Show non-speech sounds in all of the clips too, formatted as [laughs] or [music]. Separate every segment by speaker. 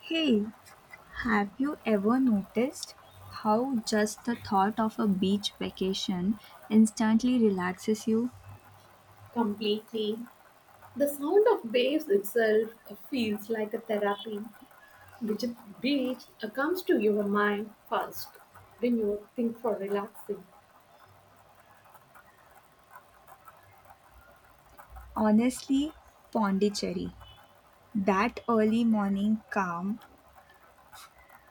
Speaker 1: Hey, have you ever noticed how just the thought of a beach vacation instantly relaxes you?
Speaker 2: Completely. The sound of waves itself feels like a therapy. Which beach comes to your mind first when you think for relaxing?
Speaker 1: Honestly, Pondicherry. That early morning calm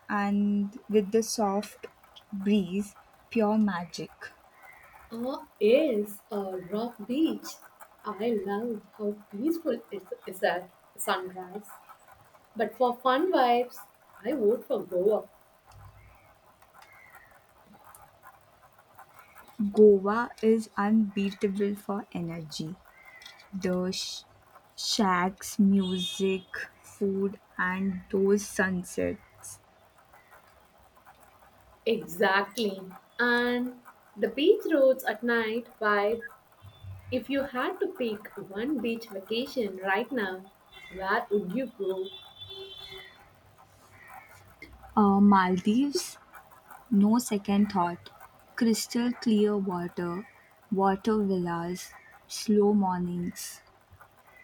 Speaker 1: and with the soft breeze, pure magic.
Speaker 2: Ah, yes, a rock beach. I love how peaceful it is at sunrise. But for fun vibes, I vote for Goa.
Speaker 1: Goa is unbeatable for energy. The shacks, music, food, and those sunsets.
Speaker 2: Exactly. And the beach roads at night vibe. If you had to pick one beach vacation right now, where would you go?
Speaker 1: Maldives. No second thought. Crystal clear water, water villas, slow mornings,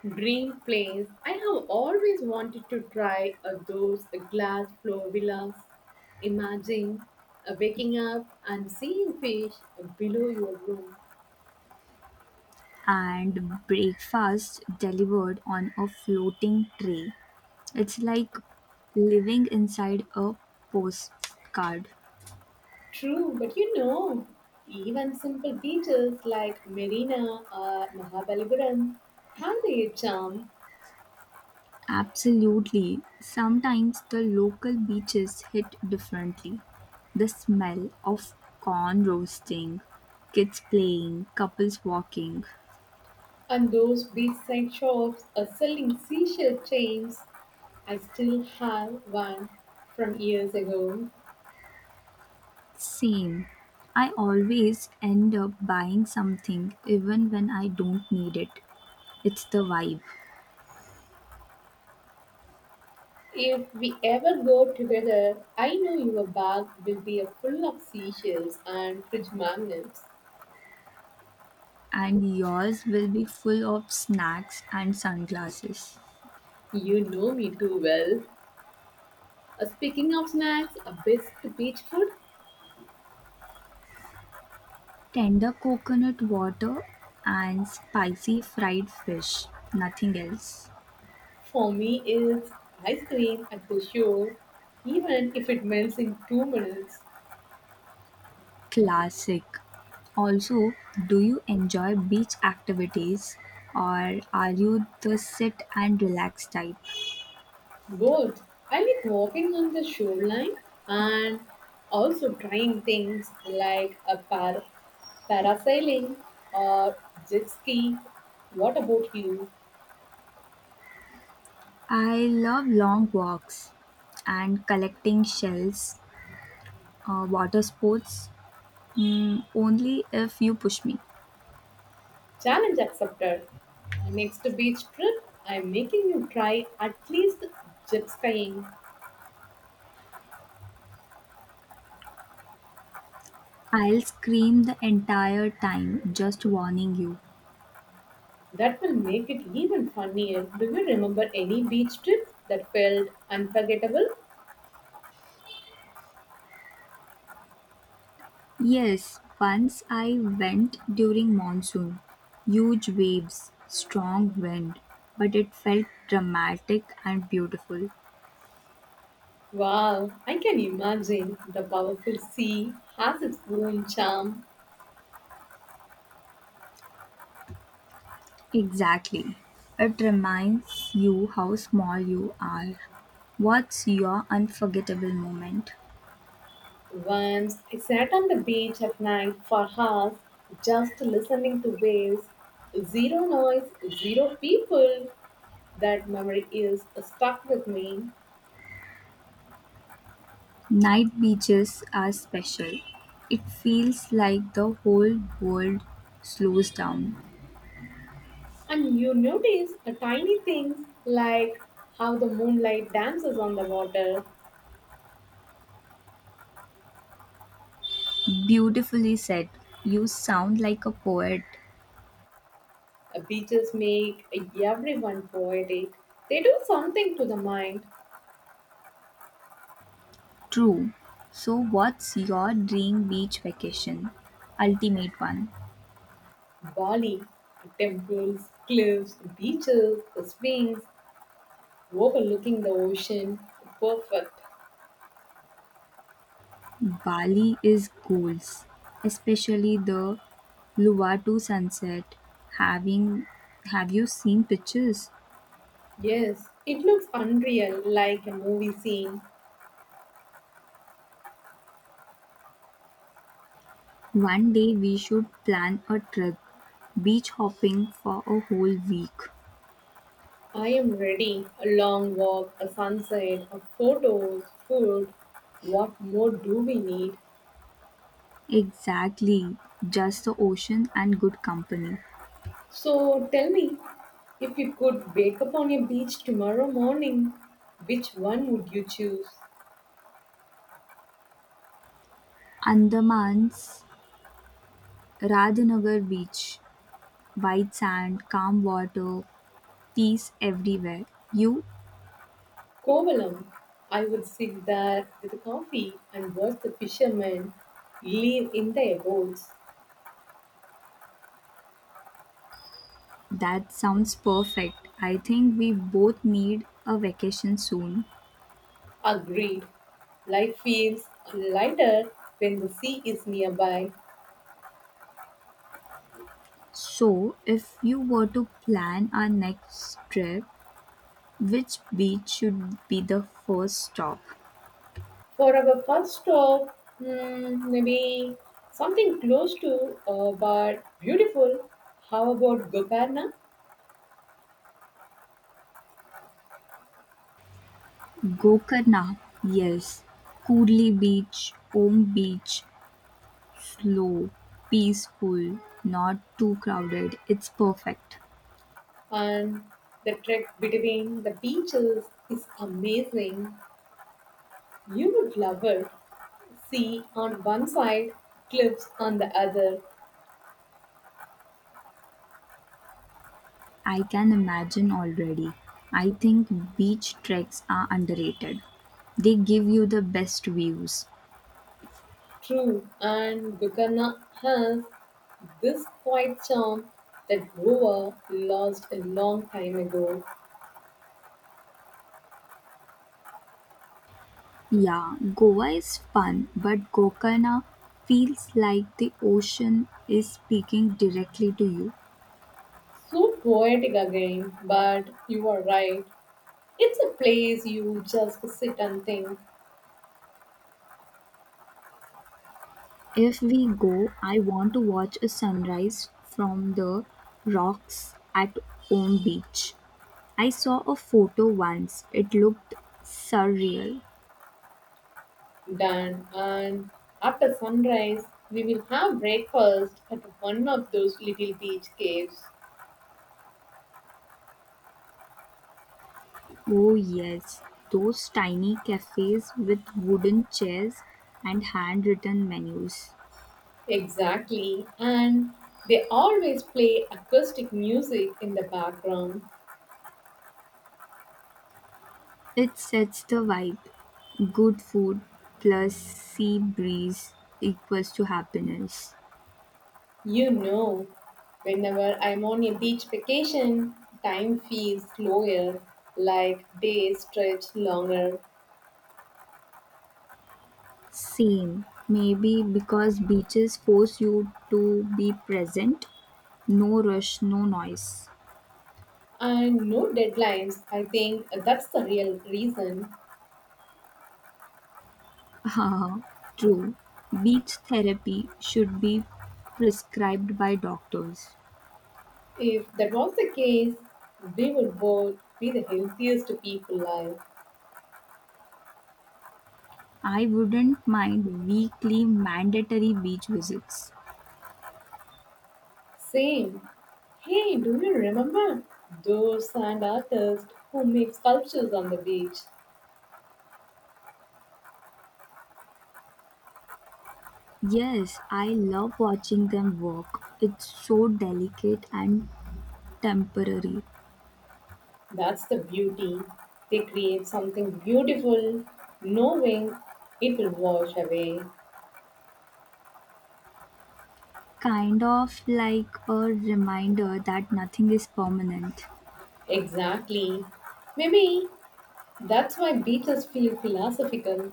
Speaker 2: Dream place. I have always wanted to try those glass floor villas. Imagine waking up and seeing fish below your room.
Speaker 1: and breakfast delivered on a floating tray. It's like living inside a postcard.
Speaker 2: True, but even simple beaches like Marina or Mahabalipuram have their charm.
Speaker 1: Absolutely. Sometimes the local beaches hit differently. The smell of corn roasting, kids playing, couples walking.
Speaker 2: And those beachside shops are selling seashell chains. I still have one from years ago.
Speaker 1: Same. I always end up buying something even when I don't need it. It's the vibe.
Speaker 2: If we ever go together, I know your bag will be a full of seashells and fridge magnets.
Speaker 1: And yours will be full of snacks and sunglasses.
Speaker 2: You know me too well. Speaking of snacks, a best beach food
Speaker 1: Tender coconut water and spicy fried fish. Nothing else.
Speaker 2: for me is ice cream at the shore, even if it melts in 2 minutes.
Speaker 1: Classic. Also, do you enjoy beach activities or are you the sit and relax type?
Speaker 2: Both. I like walking on the shoreline and also trying things like a parasailing or jet ski. What about you?
Speaker 1: I love long walks and collecting shells, water sports, only if you push me.
Speaker 2: Challenge accepted. Next beach trip, I'm making you try at least jet skiing.
Speaker 1: I'll scream the entire time, just warning you.
Speaker 2: That will make it even funnier. Do you remember any beach trip that felt unforgettable?
Speaker 1: Yes, once I went during monsoon. Huge waves, strong wind, but it felt dramatic and beautiful.
Speaker 2: Wow, I can imagine the powerful sea has its own charm.
Speaker 1: Exactly. It reminds you how small you are. What's your unforgettable moment?
Speaker 2: Once I sat on the beach at night for hours just listening to waves. Zero noise, zero people. That memory is stuck with me.
Speaker 1: Night beaches are special. It feels like the whole world slows down.
Speaker 2: And you notice a tiny things like how the moonlight dances on the water.
Speaker 1: Beautifully said. You sound like a poet.
Speaker 2: Beaches make everyone poetic. They do something to the mind.
Speaker 1: True. So, what's your dream beach vacation? Ultimate one.
Speaker 2: Bali, temples, cliffs, beaches, swings, overlooking the ocean. Perfect.
Speaker 1: Bali is goals, especially the Luwatu sunset. Having Have you seen pictures?
Speaker 2: Yes, it looks unreal, like a movie scene.
Speaker 1: One day we should plan a trip beach hopping for a whole week.
Speaker 2: I am ready. A long walk, a sunset, a photos, food. What more do we need?
Speaker 1: Exactly, just the ocean and good company.
Speaker 2: So tell me, if you could wake up on a beach tomorrow morning, which one would you choose?
Speaker 1: Andaman's Radhanagar beach, white sand, calm water, peace everywhere. You,
Speaker 2: Kovalam. I would sit there with a coffee and watch the fishermen live in their boats.
Speaker 1: that sounds perfect. I think we both need a vacation soon.
Speaker 2: Agreed. Life feels lighter when the sea is nearby.
Speaker 1: So, if you were to plan our next trip, which beach should be the first stop?
Speaker 2: For our first stop, maybe something close to but beautiful. How about Gokarna?
Speaker 1: Gokarna, yes. Kudli Beach, Om Beach, slow, peaceful, not too crowded. It's perfect.
Speaker 2: And the trek between the beaches is amazing. You would love it. Sea on one side, cliffs on the other.
Speaker 1: I can imagine already. I think beach treks are underrated. They give you the best views.
Speaker 2: True, and Gokarna has this quiet charm that Goa lost a long time ago.
Speaker 1: Yeah, Goa is fun, but Gokarna feels like the ocean is speaking directly to you.
Speaker 2: So poetic again, but you are right. It's a place you just sit and think.
Speaker 1: If we go, I want to watch a sunrise from the rocks at Om Beach. I saw a photo once. It looked surreal.
Speaker 2: Dan. And after sunrise, we will have breakfast at one of those little beach caves.
Speaker 1: Oh, yes, those tiny cafes with wooden chairs and handwritten menus.
Speaker 2: Exactly. And they always play acoustic music in the background.
Speaker 1: It sets the vibe. Good food plus sea breeze equals to happiness.
Speaker 2: You know, whenever I'm on a beach vacation, time feels slower, like days stretch longer.
Speaker 1: Same. Maybe because beaches force you to be present. No rush, no noise.
Speaker 2: And no deadlines. I think that's the real reason.
Speaker 1: [laughs] True. Beach therapy should be prescribed by doctors.
Speaker 2: If that was the case, we would both be the healthiest people alive.
Speaker 1: I wouldn't mind weekly mandatory beach visits.
Speaker 2: Same. Hey, do you remember those sand artists who make sculptures on the beach?
Speaker 1: Yes, I love watching them work. It's so delicate and temporary.
Speaker 2: That's the beauty. They create something beautiful, knowing it will wash away.
Speaker 1: Kind of like a reminder that nothing is permanent.
Speaker 2: Exactly. Maybe that's why beaches feel philosophical.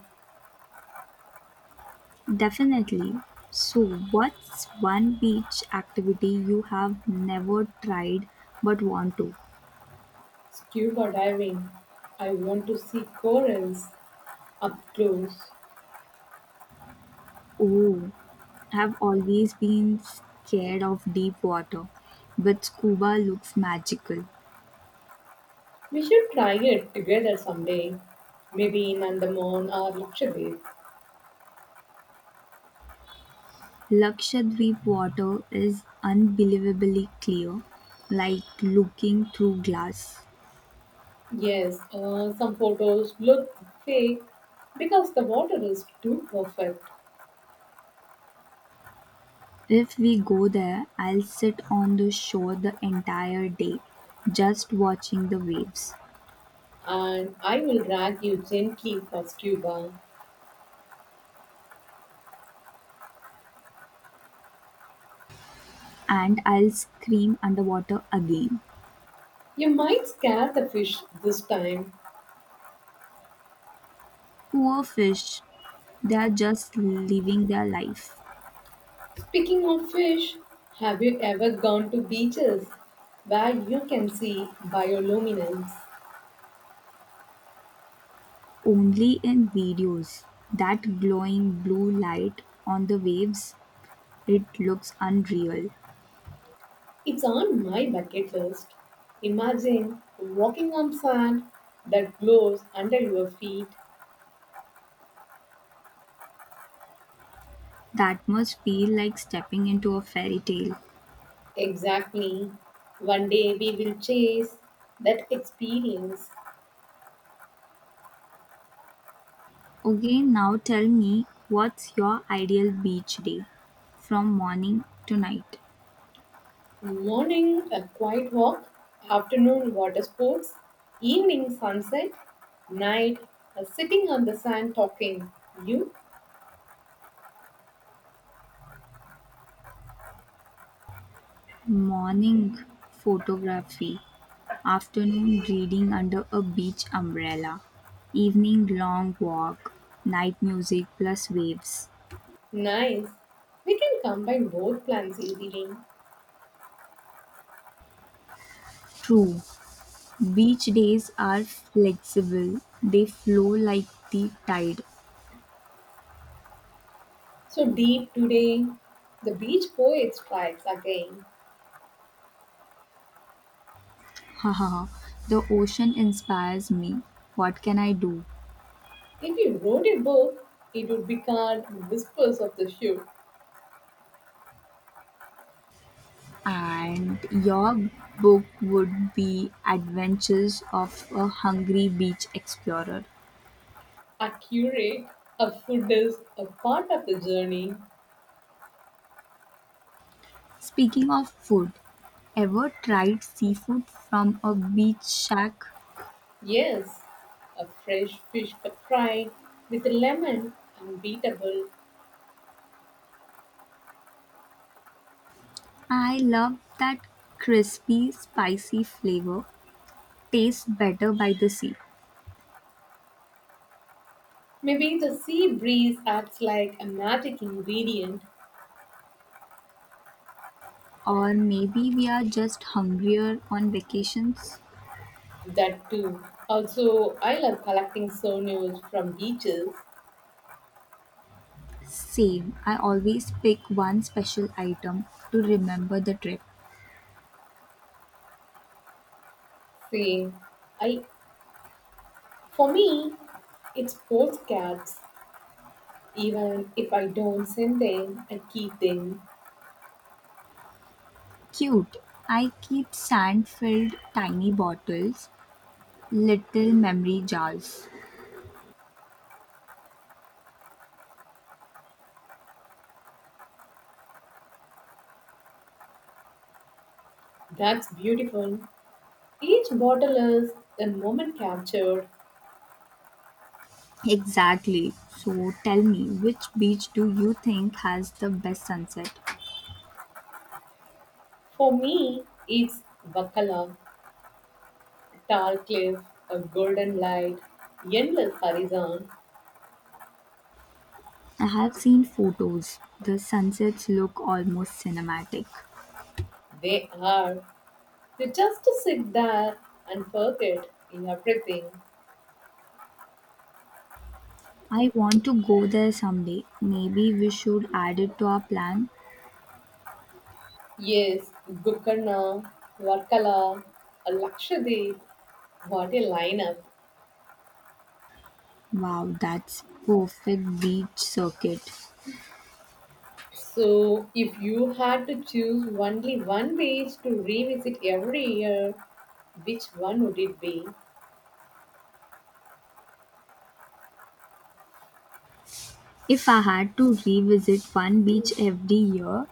Speaker 1: Definitely. So, what's one beach activity you have never tried but want to?
Speaker 2: Scuba diving. I want to see corals up close.
Speaker 1: Oh, I've always been scared of deep water, but scuba looks magical.
Speaker 2: We should try it together someday, maybe in Andaman or Lakshadweep.
Speaker 1: Lakshadweep water is unbelievably clear, like looking through glass.
Speaker 2: Yes, some photos look fake because the water is too perfect,
Speaker 1: If we go there, I'll sit on the shore the entire day, just watching the waves,
Speaker 2: and I will drag you gently for scuba.
Speaker 1: and I'll scream underwater again.
Speaker 2: You might scare the fish this time.
Speaker 1: Poor fish, they are just living their life.
Speaker 2: Speaking of fish, have you ever gone to beaches where you can see bioluminescence?
Speaker 1: Only in videos. That glowing blue light on the waves, it looks unreal.
Speaker 2: It's on my bucket list. Imagine walking on sand that glows under your feet.
Speaker 1: That must feel like stepping into a fairy tale.
Speaker 2: Exactly. One day we will chase that experience.
Speaker 1: Okay, now tell me, what's your ideal beach day from morning to night?
Speaker 2: Morning, a quiet walk. Afternoon, water sports. Evening, sunset. Night, a sitting on the sand talking. You?
Speaker 1: Morning photography, afternoon reading under a beach umbrella, evening long walk, night music plus waves.
Speaker 2: Nice. We can combine both plans easily.
Speaker 1: True, beach days are flexible. They flow like the tide.
Speaker 2: So deep today, the beach poet strikes again.
Speaker 1: Ha ha ha! The ocean inspires me. What can I do?
Speaker 2: If he wrote a book, it would be called Whispers of the Ship.
Speaker 1: And your book would be Adventures of a Hungry Beach Explorer.
Speaker 2: Accurate, a food is a part of the journey.
Speaker 1: Speaking of food, ever tried seafood from a beach shack?
Speaker 2: Yes, a fresh fish cut fried with a lemon, unbeatable.
Speaker 1: I love that crispy, spicy flavor. Tastes better by the sea.
Speaker 2: Maybe the sea breeze acts like a magic ingredient.
Speaker 1: Or maybe we are just hungrier on vacations?
Speaker 2: That too. Also, I love collecting souvenirs from beaches.
Speaker 1: Same, I always pick one special item to remember the trip.
Speaker 2: See, I for me, it's postcards. Even if I don't send them, I keep them.
Speaker 1: Cute! I keep sand filled tiny bottles, little memory jars.
Speaker 2: That's beautiful. Each bottle is a moment captured.
Speaker 1: Exactly. So tell me, which beach do you think has the best sunset?
Speaker 2: For me, it's Vakala, Tall Cliff, a Golden Light, Endless Horizon.
Speaker 1: I have seen photos. The sunsets look almost cinematic.
Speaker 2: They are. You just sit there and forget everything.
Speaker 1: I want to go there someday. Maybe we should add it to our plan.
Speaker 2: Yes, Gokarna, Varkala, Lakshadweep. What a lineup.
Speaker 1: Wow, that's perfect beach circuit.
Speaker 2: So, if you had to choose only one beach to revisit every year, which one would it be?
Speaker 1: If I had to revisit one beach every year,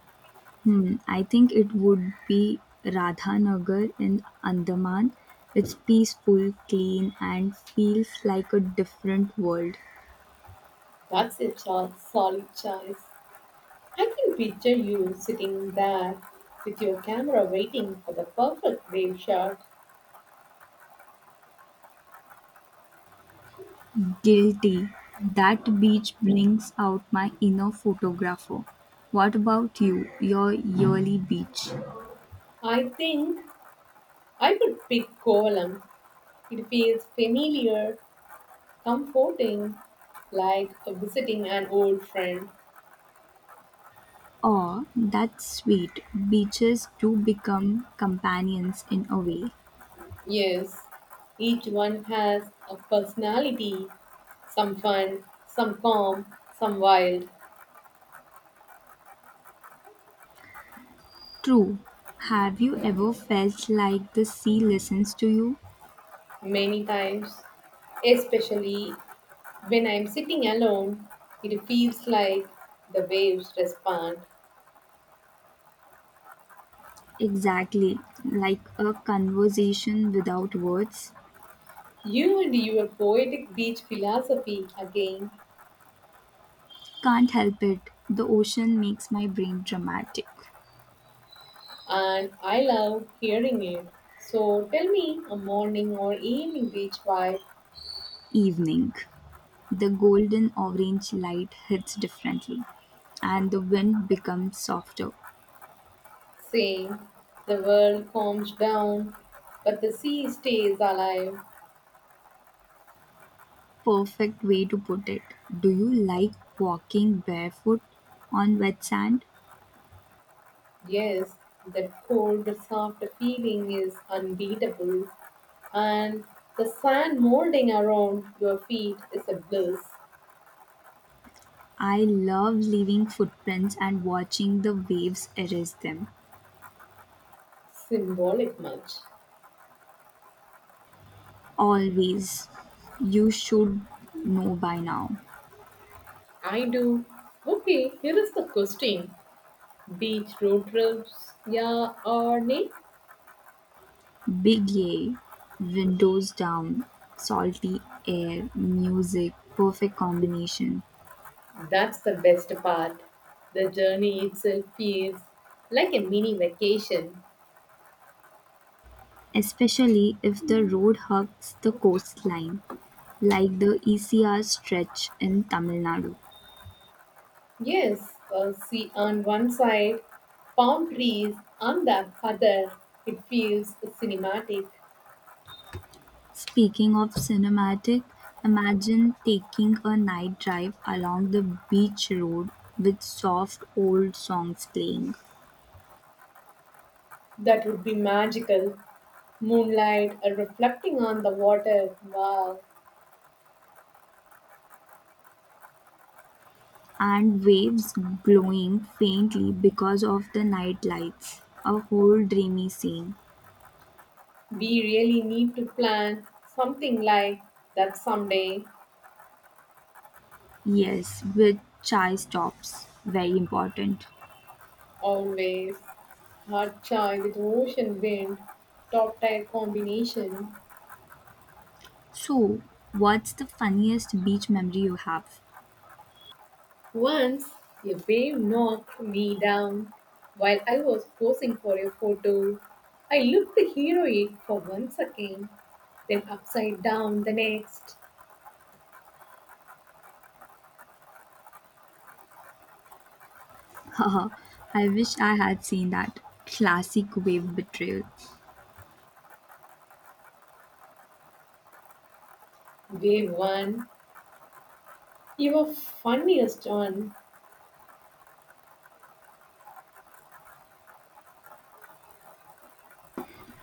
Speaker 1: hmm, I think it would be Radhanagar in Andaman. It's peaceful, clean, and feels like a different world.
Speaker 2: That's a solid choice. I can picture you sitting there with your camera waiting for the perfect wave shot.
Speaker 1: Guilty. That beach brings out my inner photographer. What about you, your yearly beach?
Speaker 2: I think I would pick Kovalam. It feels familiar, comforting, like visiting an old friend.
Speaker 1: Oh, that's sweet. Beaches do become companions in a way.
Speaker 2: Yes, each one has a personality, some fun, some calm, some wild.
Speaker 1: True. Have you ever felt like the sea listens to you?
Speaker 2: Many times, especially when I'm sitting alone, it feels like the waves respond.
Speaker 1: Exactly. Like a conversation without words.
Speaker 2: You and your poetic beach philosophy again,
Speaker 1: Can't help it. The ocean makes my brain dramatic.
Speaker 2: and I love hearing it. So tell me, a morning or evening beach vibe,
Speaker 1: Evening. The golden orange light hits differently, and the wind becomes softer.
Speaker 2: saying the world calms down, but the sea stays alive.
Speaker 1: Perfect way to put it. Do you like walking barefoot on wet sand?
Speaker 2: Yes, that cold, soft feeling is unbeatable, and the sand molding around your feet is a bliss.
Speaker 1: I love leaving footprints and watching the waves erase them.
Speaker 2: Symbolic much.
Speaker 1: Always. You should know by now.
Speaker 2: I do. Okay, here is the question, beach road trips, yeah or nay?
Speaker 1: Big A, windows down, salty air, music, perfect combination.
Speaker 2: That's the best part. The journey itself feels like a mini vacation.
Speaker 1: Especially if the road hugs the coastline, like the ECR stretch in Tamil Nadu.
Speaker 2: Yes, sea on one side, palm trees on the other. It feels cinematic.
Speaker 1: Speaking of cinematic, imagine taking a night drive along the beach road with soft old songs playing.
Speaker 2: That would be magical. Moonlight reflecting on the water. Wow,
Speaker 1: And waves glowing faintly because of the night lights. A whole dreamy scene.
Speaker 2: we really need to plan something like that someday.
Speaker 1: Yes, with chai stops. Very important.
Speaker 2: Always. Hot chai with ocean wind. Top tier combination.
Speaker 1: So, what's the funniest beach memory you have?
Speaker 2: Once a wave knocked me down while I was posing for a photo. I looked heroic for one second, then upside down the next.
Speaker 1: [laughs] Haha, I wish I had seen that. Classic wave betrayal.
Speaker 2: Wave one, your funniest one.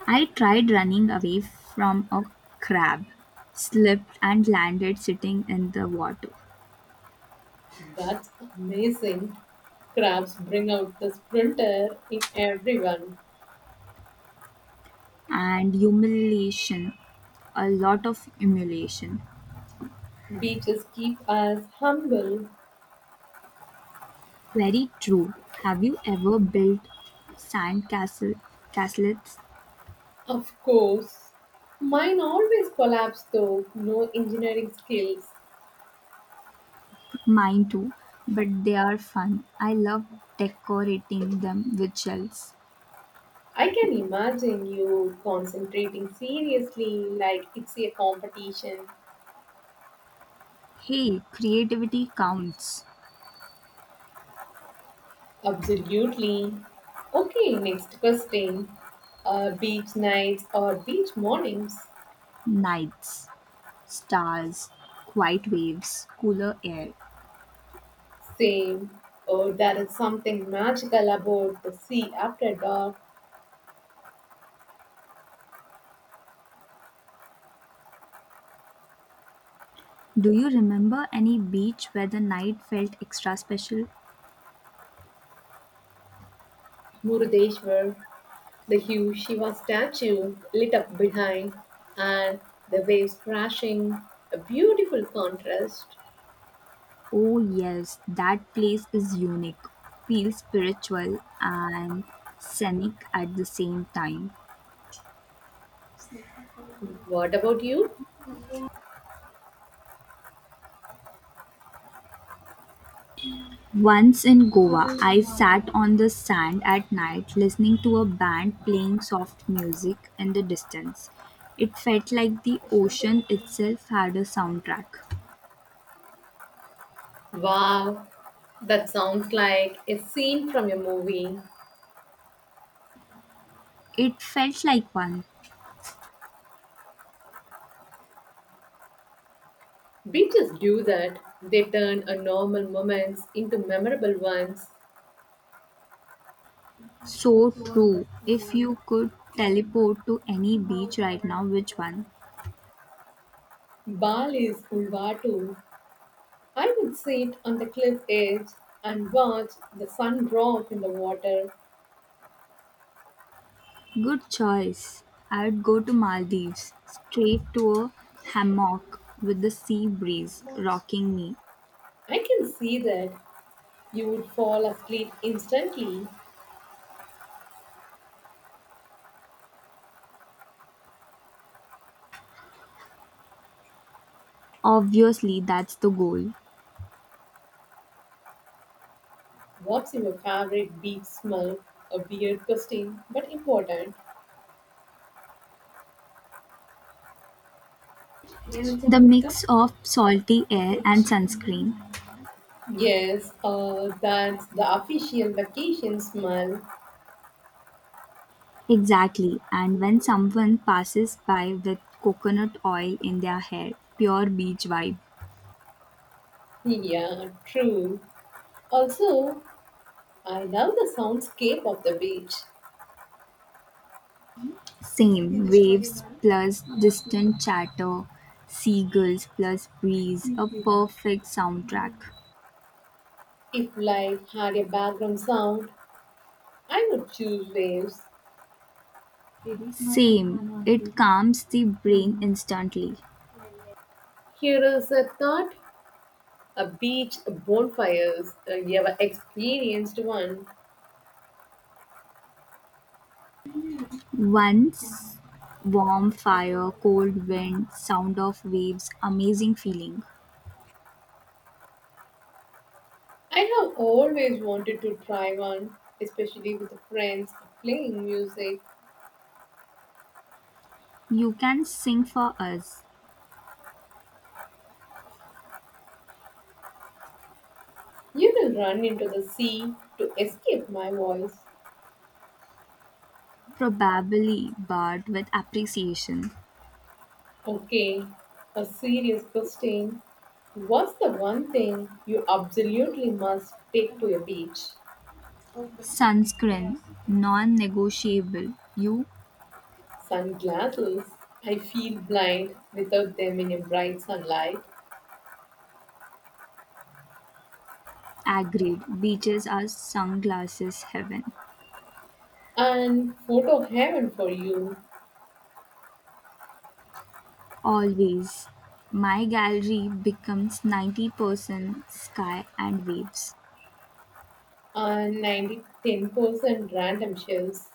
Speaker 1: I tried running away from a crab, slipped and landed sitting in the water.
Speaker 2: That's amazing. Crabs bring out the sprinter in everyone.
Speaker 1: And humiliation, a lot of humiliation.
Speaker 2: Beaches keep us humble,
Speaker 1: Very true. Have you ever built sand castle castlets?
Speaker 2: of course. Mine always collapse though, no engineering skills.
Speaker 1: Mine too, but they are fun. I love decorating them with shells.
Speaker 2: I can imagine you concentrating seriously like it's a competition.
Speaker 1: Hey, creativity counts.
Speaker 2: Absolutely. Okay, next question. Beach nights or beach mornings?
Speaker 1: Nights, stars, quiet waves, cooler air.
Speaker 2: Same. Oh, there is something magical about the sea after dark.
Speaker 1: Do you remember any beach where the night felt extra special?
Speaker 2: Murudeshwar, the huge Shiva statue lit up behind, and the waves crashing. A beautiful contrast.
Speaker 1: Oh, yes, that place is unique, feels spiritual and scenic at the same time.
Speaker 2: What about you?
Speaker 1: Once in Goa, I sat on the sand at night listening to a band playing soft music in the distance. It felt like the ocean itself had a soundtrack.
Speaker 2: Wow, that sounds like a scene from a movie.
Speaker 1: It felt like one.
Speaker 2: Beaches do that. They turn a normal moments into memorable ones.
Speaker 1: So true. If you could teleport to any beach right now, which one?
Speaker 2: Bali's Ulvatu. I would sit on the cliff edge and watch the sun drop in the water.
Speaker 1: Good choice. I'd go to Maldives, straight to a hammock with the sea breeze rocking me.
Speaker 2: I can see that you would fall asleep instantly.
Speaker 1: Obviously, that's the goal.
Speaker 2: What's your favorite beach smell? A weird question, but important.
Speaker 1: The mix of salty air and sunscreen.
Speaker 2: Yes, that's the official vacation smell.
Speaker 1: Exactly. And when someone passes by with coconut oil in their hair, pure beach vibe.
Speaker 2: Yeah, true. Also, I love the soundscape of the beach.
Speaker 1: Same. Waves plus distant chatter, seagulls plus breeze, a perfect soundtrack.
Speaker 2: If life had a background sound, I would choose waves.
Speaker 1: Same. It calms the brain instantly.
Speaker 2: Here is a thought, a beach bonfires, a never experienced one.
Speaker 1: Once warm fire, cold wind, sound of waves, amazing feeling.
Speaker 2: I have always wanted to try one, especially with friends playing music.
Speaker 1: You can sing for us.
Speaker 2: You will run into the sea to escape my voice.
Speaker 1: Probably, but with appreciation.
Speaker 2: Okay, a serious question. What's the one thing you absolutely must take to a beach?
Speaker 1: Sunscreen, non negotiable. You
Speaker 2: Sunglasses. I feel blind without them in a bright sunlight.
Speaker 1: agreed. Beaches are sunglasses heaven.
Speaker 2: And photo heaven for you.
Speaker 1: Always. My gallery becomes 90% sky and waves.
Speaker 2: And 90 10% random shells.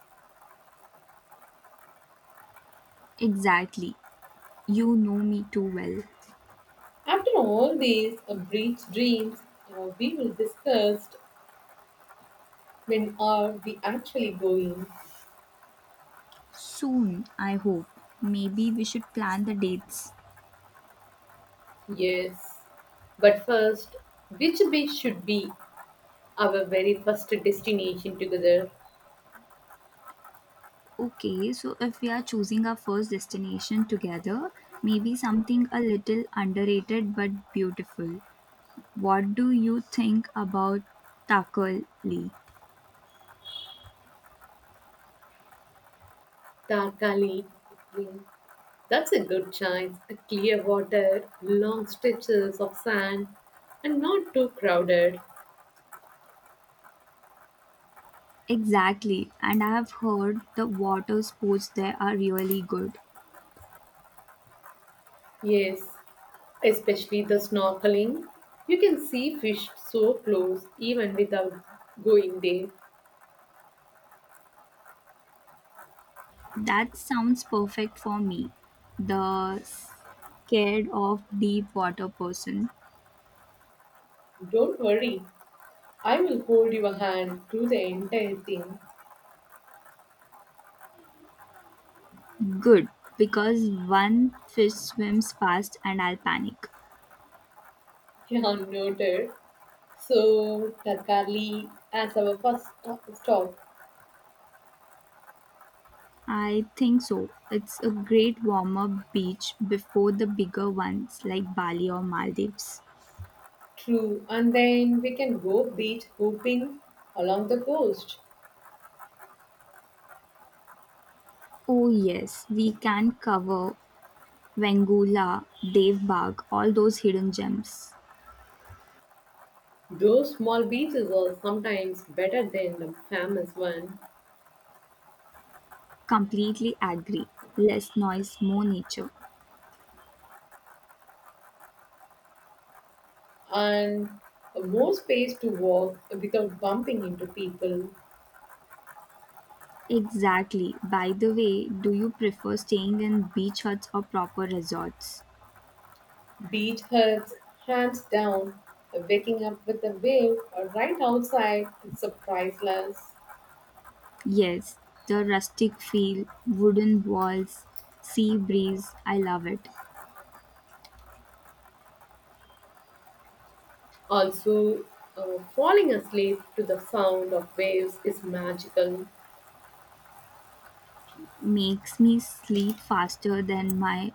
Speaker 1: Exactly. You know me too well.
Speaker 2: After all these beach dreams, we will discuss when are we actually going.
Speaker 1: Soon, I hope. Maybe we should plan the dates.
Speaker 2: Yes. But first, which beach should be our very first destination together?
Speaker 1: Okay, so if we are choosing our first destination together, maybe something a little underrated but beautiful. What do you think about Takali?
Speaker 2: Tarkali. Hmm, that's a good choice. A clear water, long stretches of sand, and not too crowded.
Speaker 1: Exactly, and I have heard the water sports there are really good.
Speaker 2: Yes, especially the snorkeling. You can see fish so close even without going there.
Speaker 1: That sounds perfect for me. The scared of deep water person.
Speaker 2: Don't worry, I will hold your hand through the entire thing.
Speaker 1: Good, because one fish swims fast and I'll panic.
Speaker 2: [laughs] Jan noted. So, Takali as our first stop.
Speaker 1: I think so. It's a great warm up beach before the bigger ones like Bali or Maldives.
Speaker 2: True, and then we can go beach hopping along the coast.
Speaker 1: Oh, yes, we can cover Wangula, Dave Bagh, all those hidden gems.
Speaker 2: Those small beaches are sometimes better than the famous one,
Speaker 1: Completely agree. Less noise, more nature.
Speaker 2: and more space to walk without bumping into people.
Speaker 1: Exactly. By the way, do you prefer staying in beach huts or proper resorts?
Speaker 2: Beach huts, hands down, waking up with a wave or right outside is a priceless.
Speaker 1: Yes, the rustic feel, wooden walls, sea breeze, I love it.
Speaker 2: Also, falling asleep to the sound of waves is magical.
Speaker 1: Makes me sleep faster than my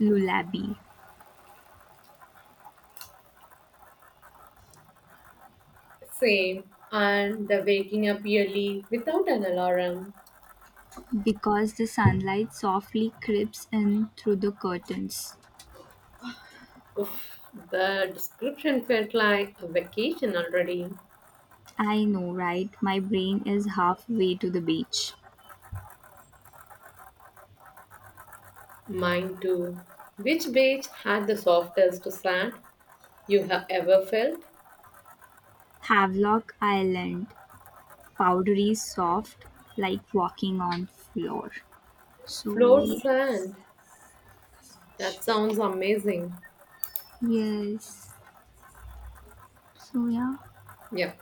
Speaker 1: lullaby.
Speaker 2: Same. And the waking up early without an alarm.
Speaker 1: Because the sunlight softly creeps in through the curtains.
Speaker 2: Oof, the description felt like a vacation already.
Speaker 1: I know, right? My brain is halfway to the beach.
Speaker 2: Mine too. Which beach had the softest sand you have ever felt?
Speaker 1: Havelock Island, powdery soft, like walking on floor. So,
Speaker 2: Floor
Speaker 1: yes.
Speaker 2: sand. That sounds amazing.
Speaker 1: Yes. So, yeah.
Speaker 2: Yeah.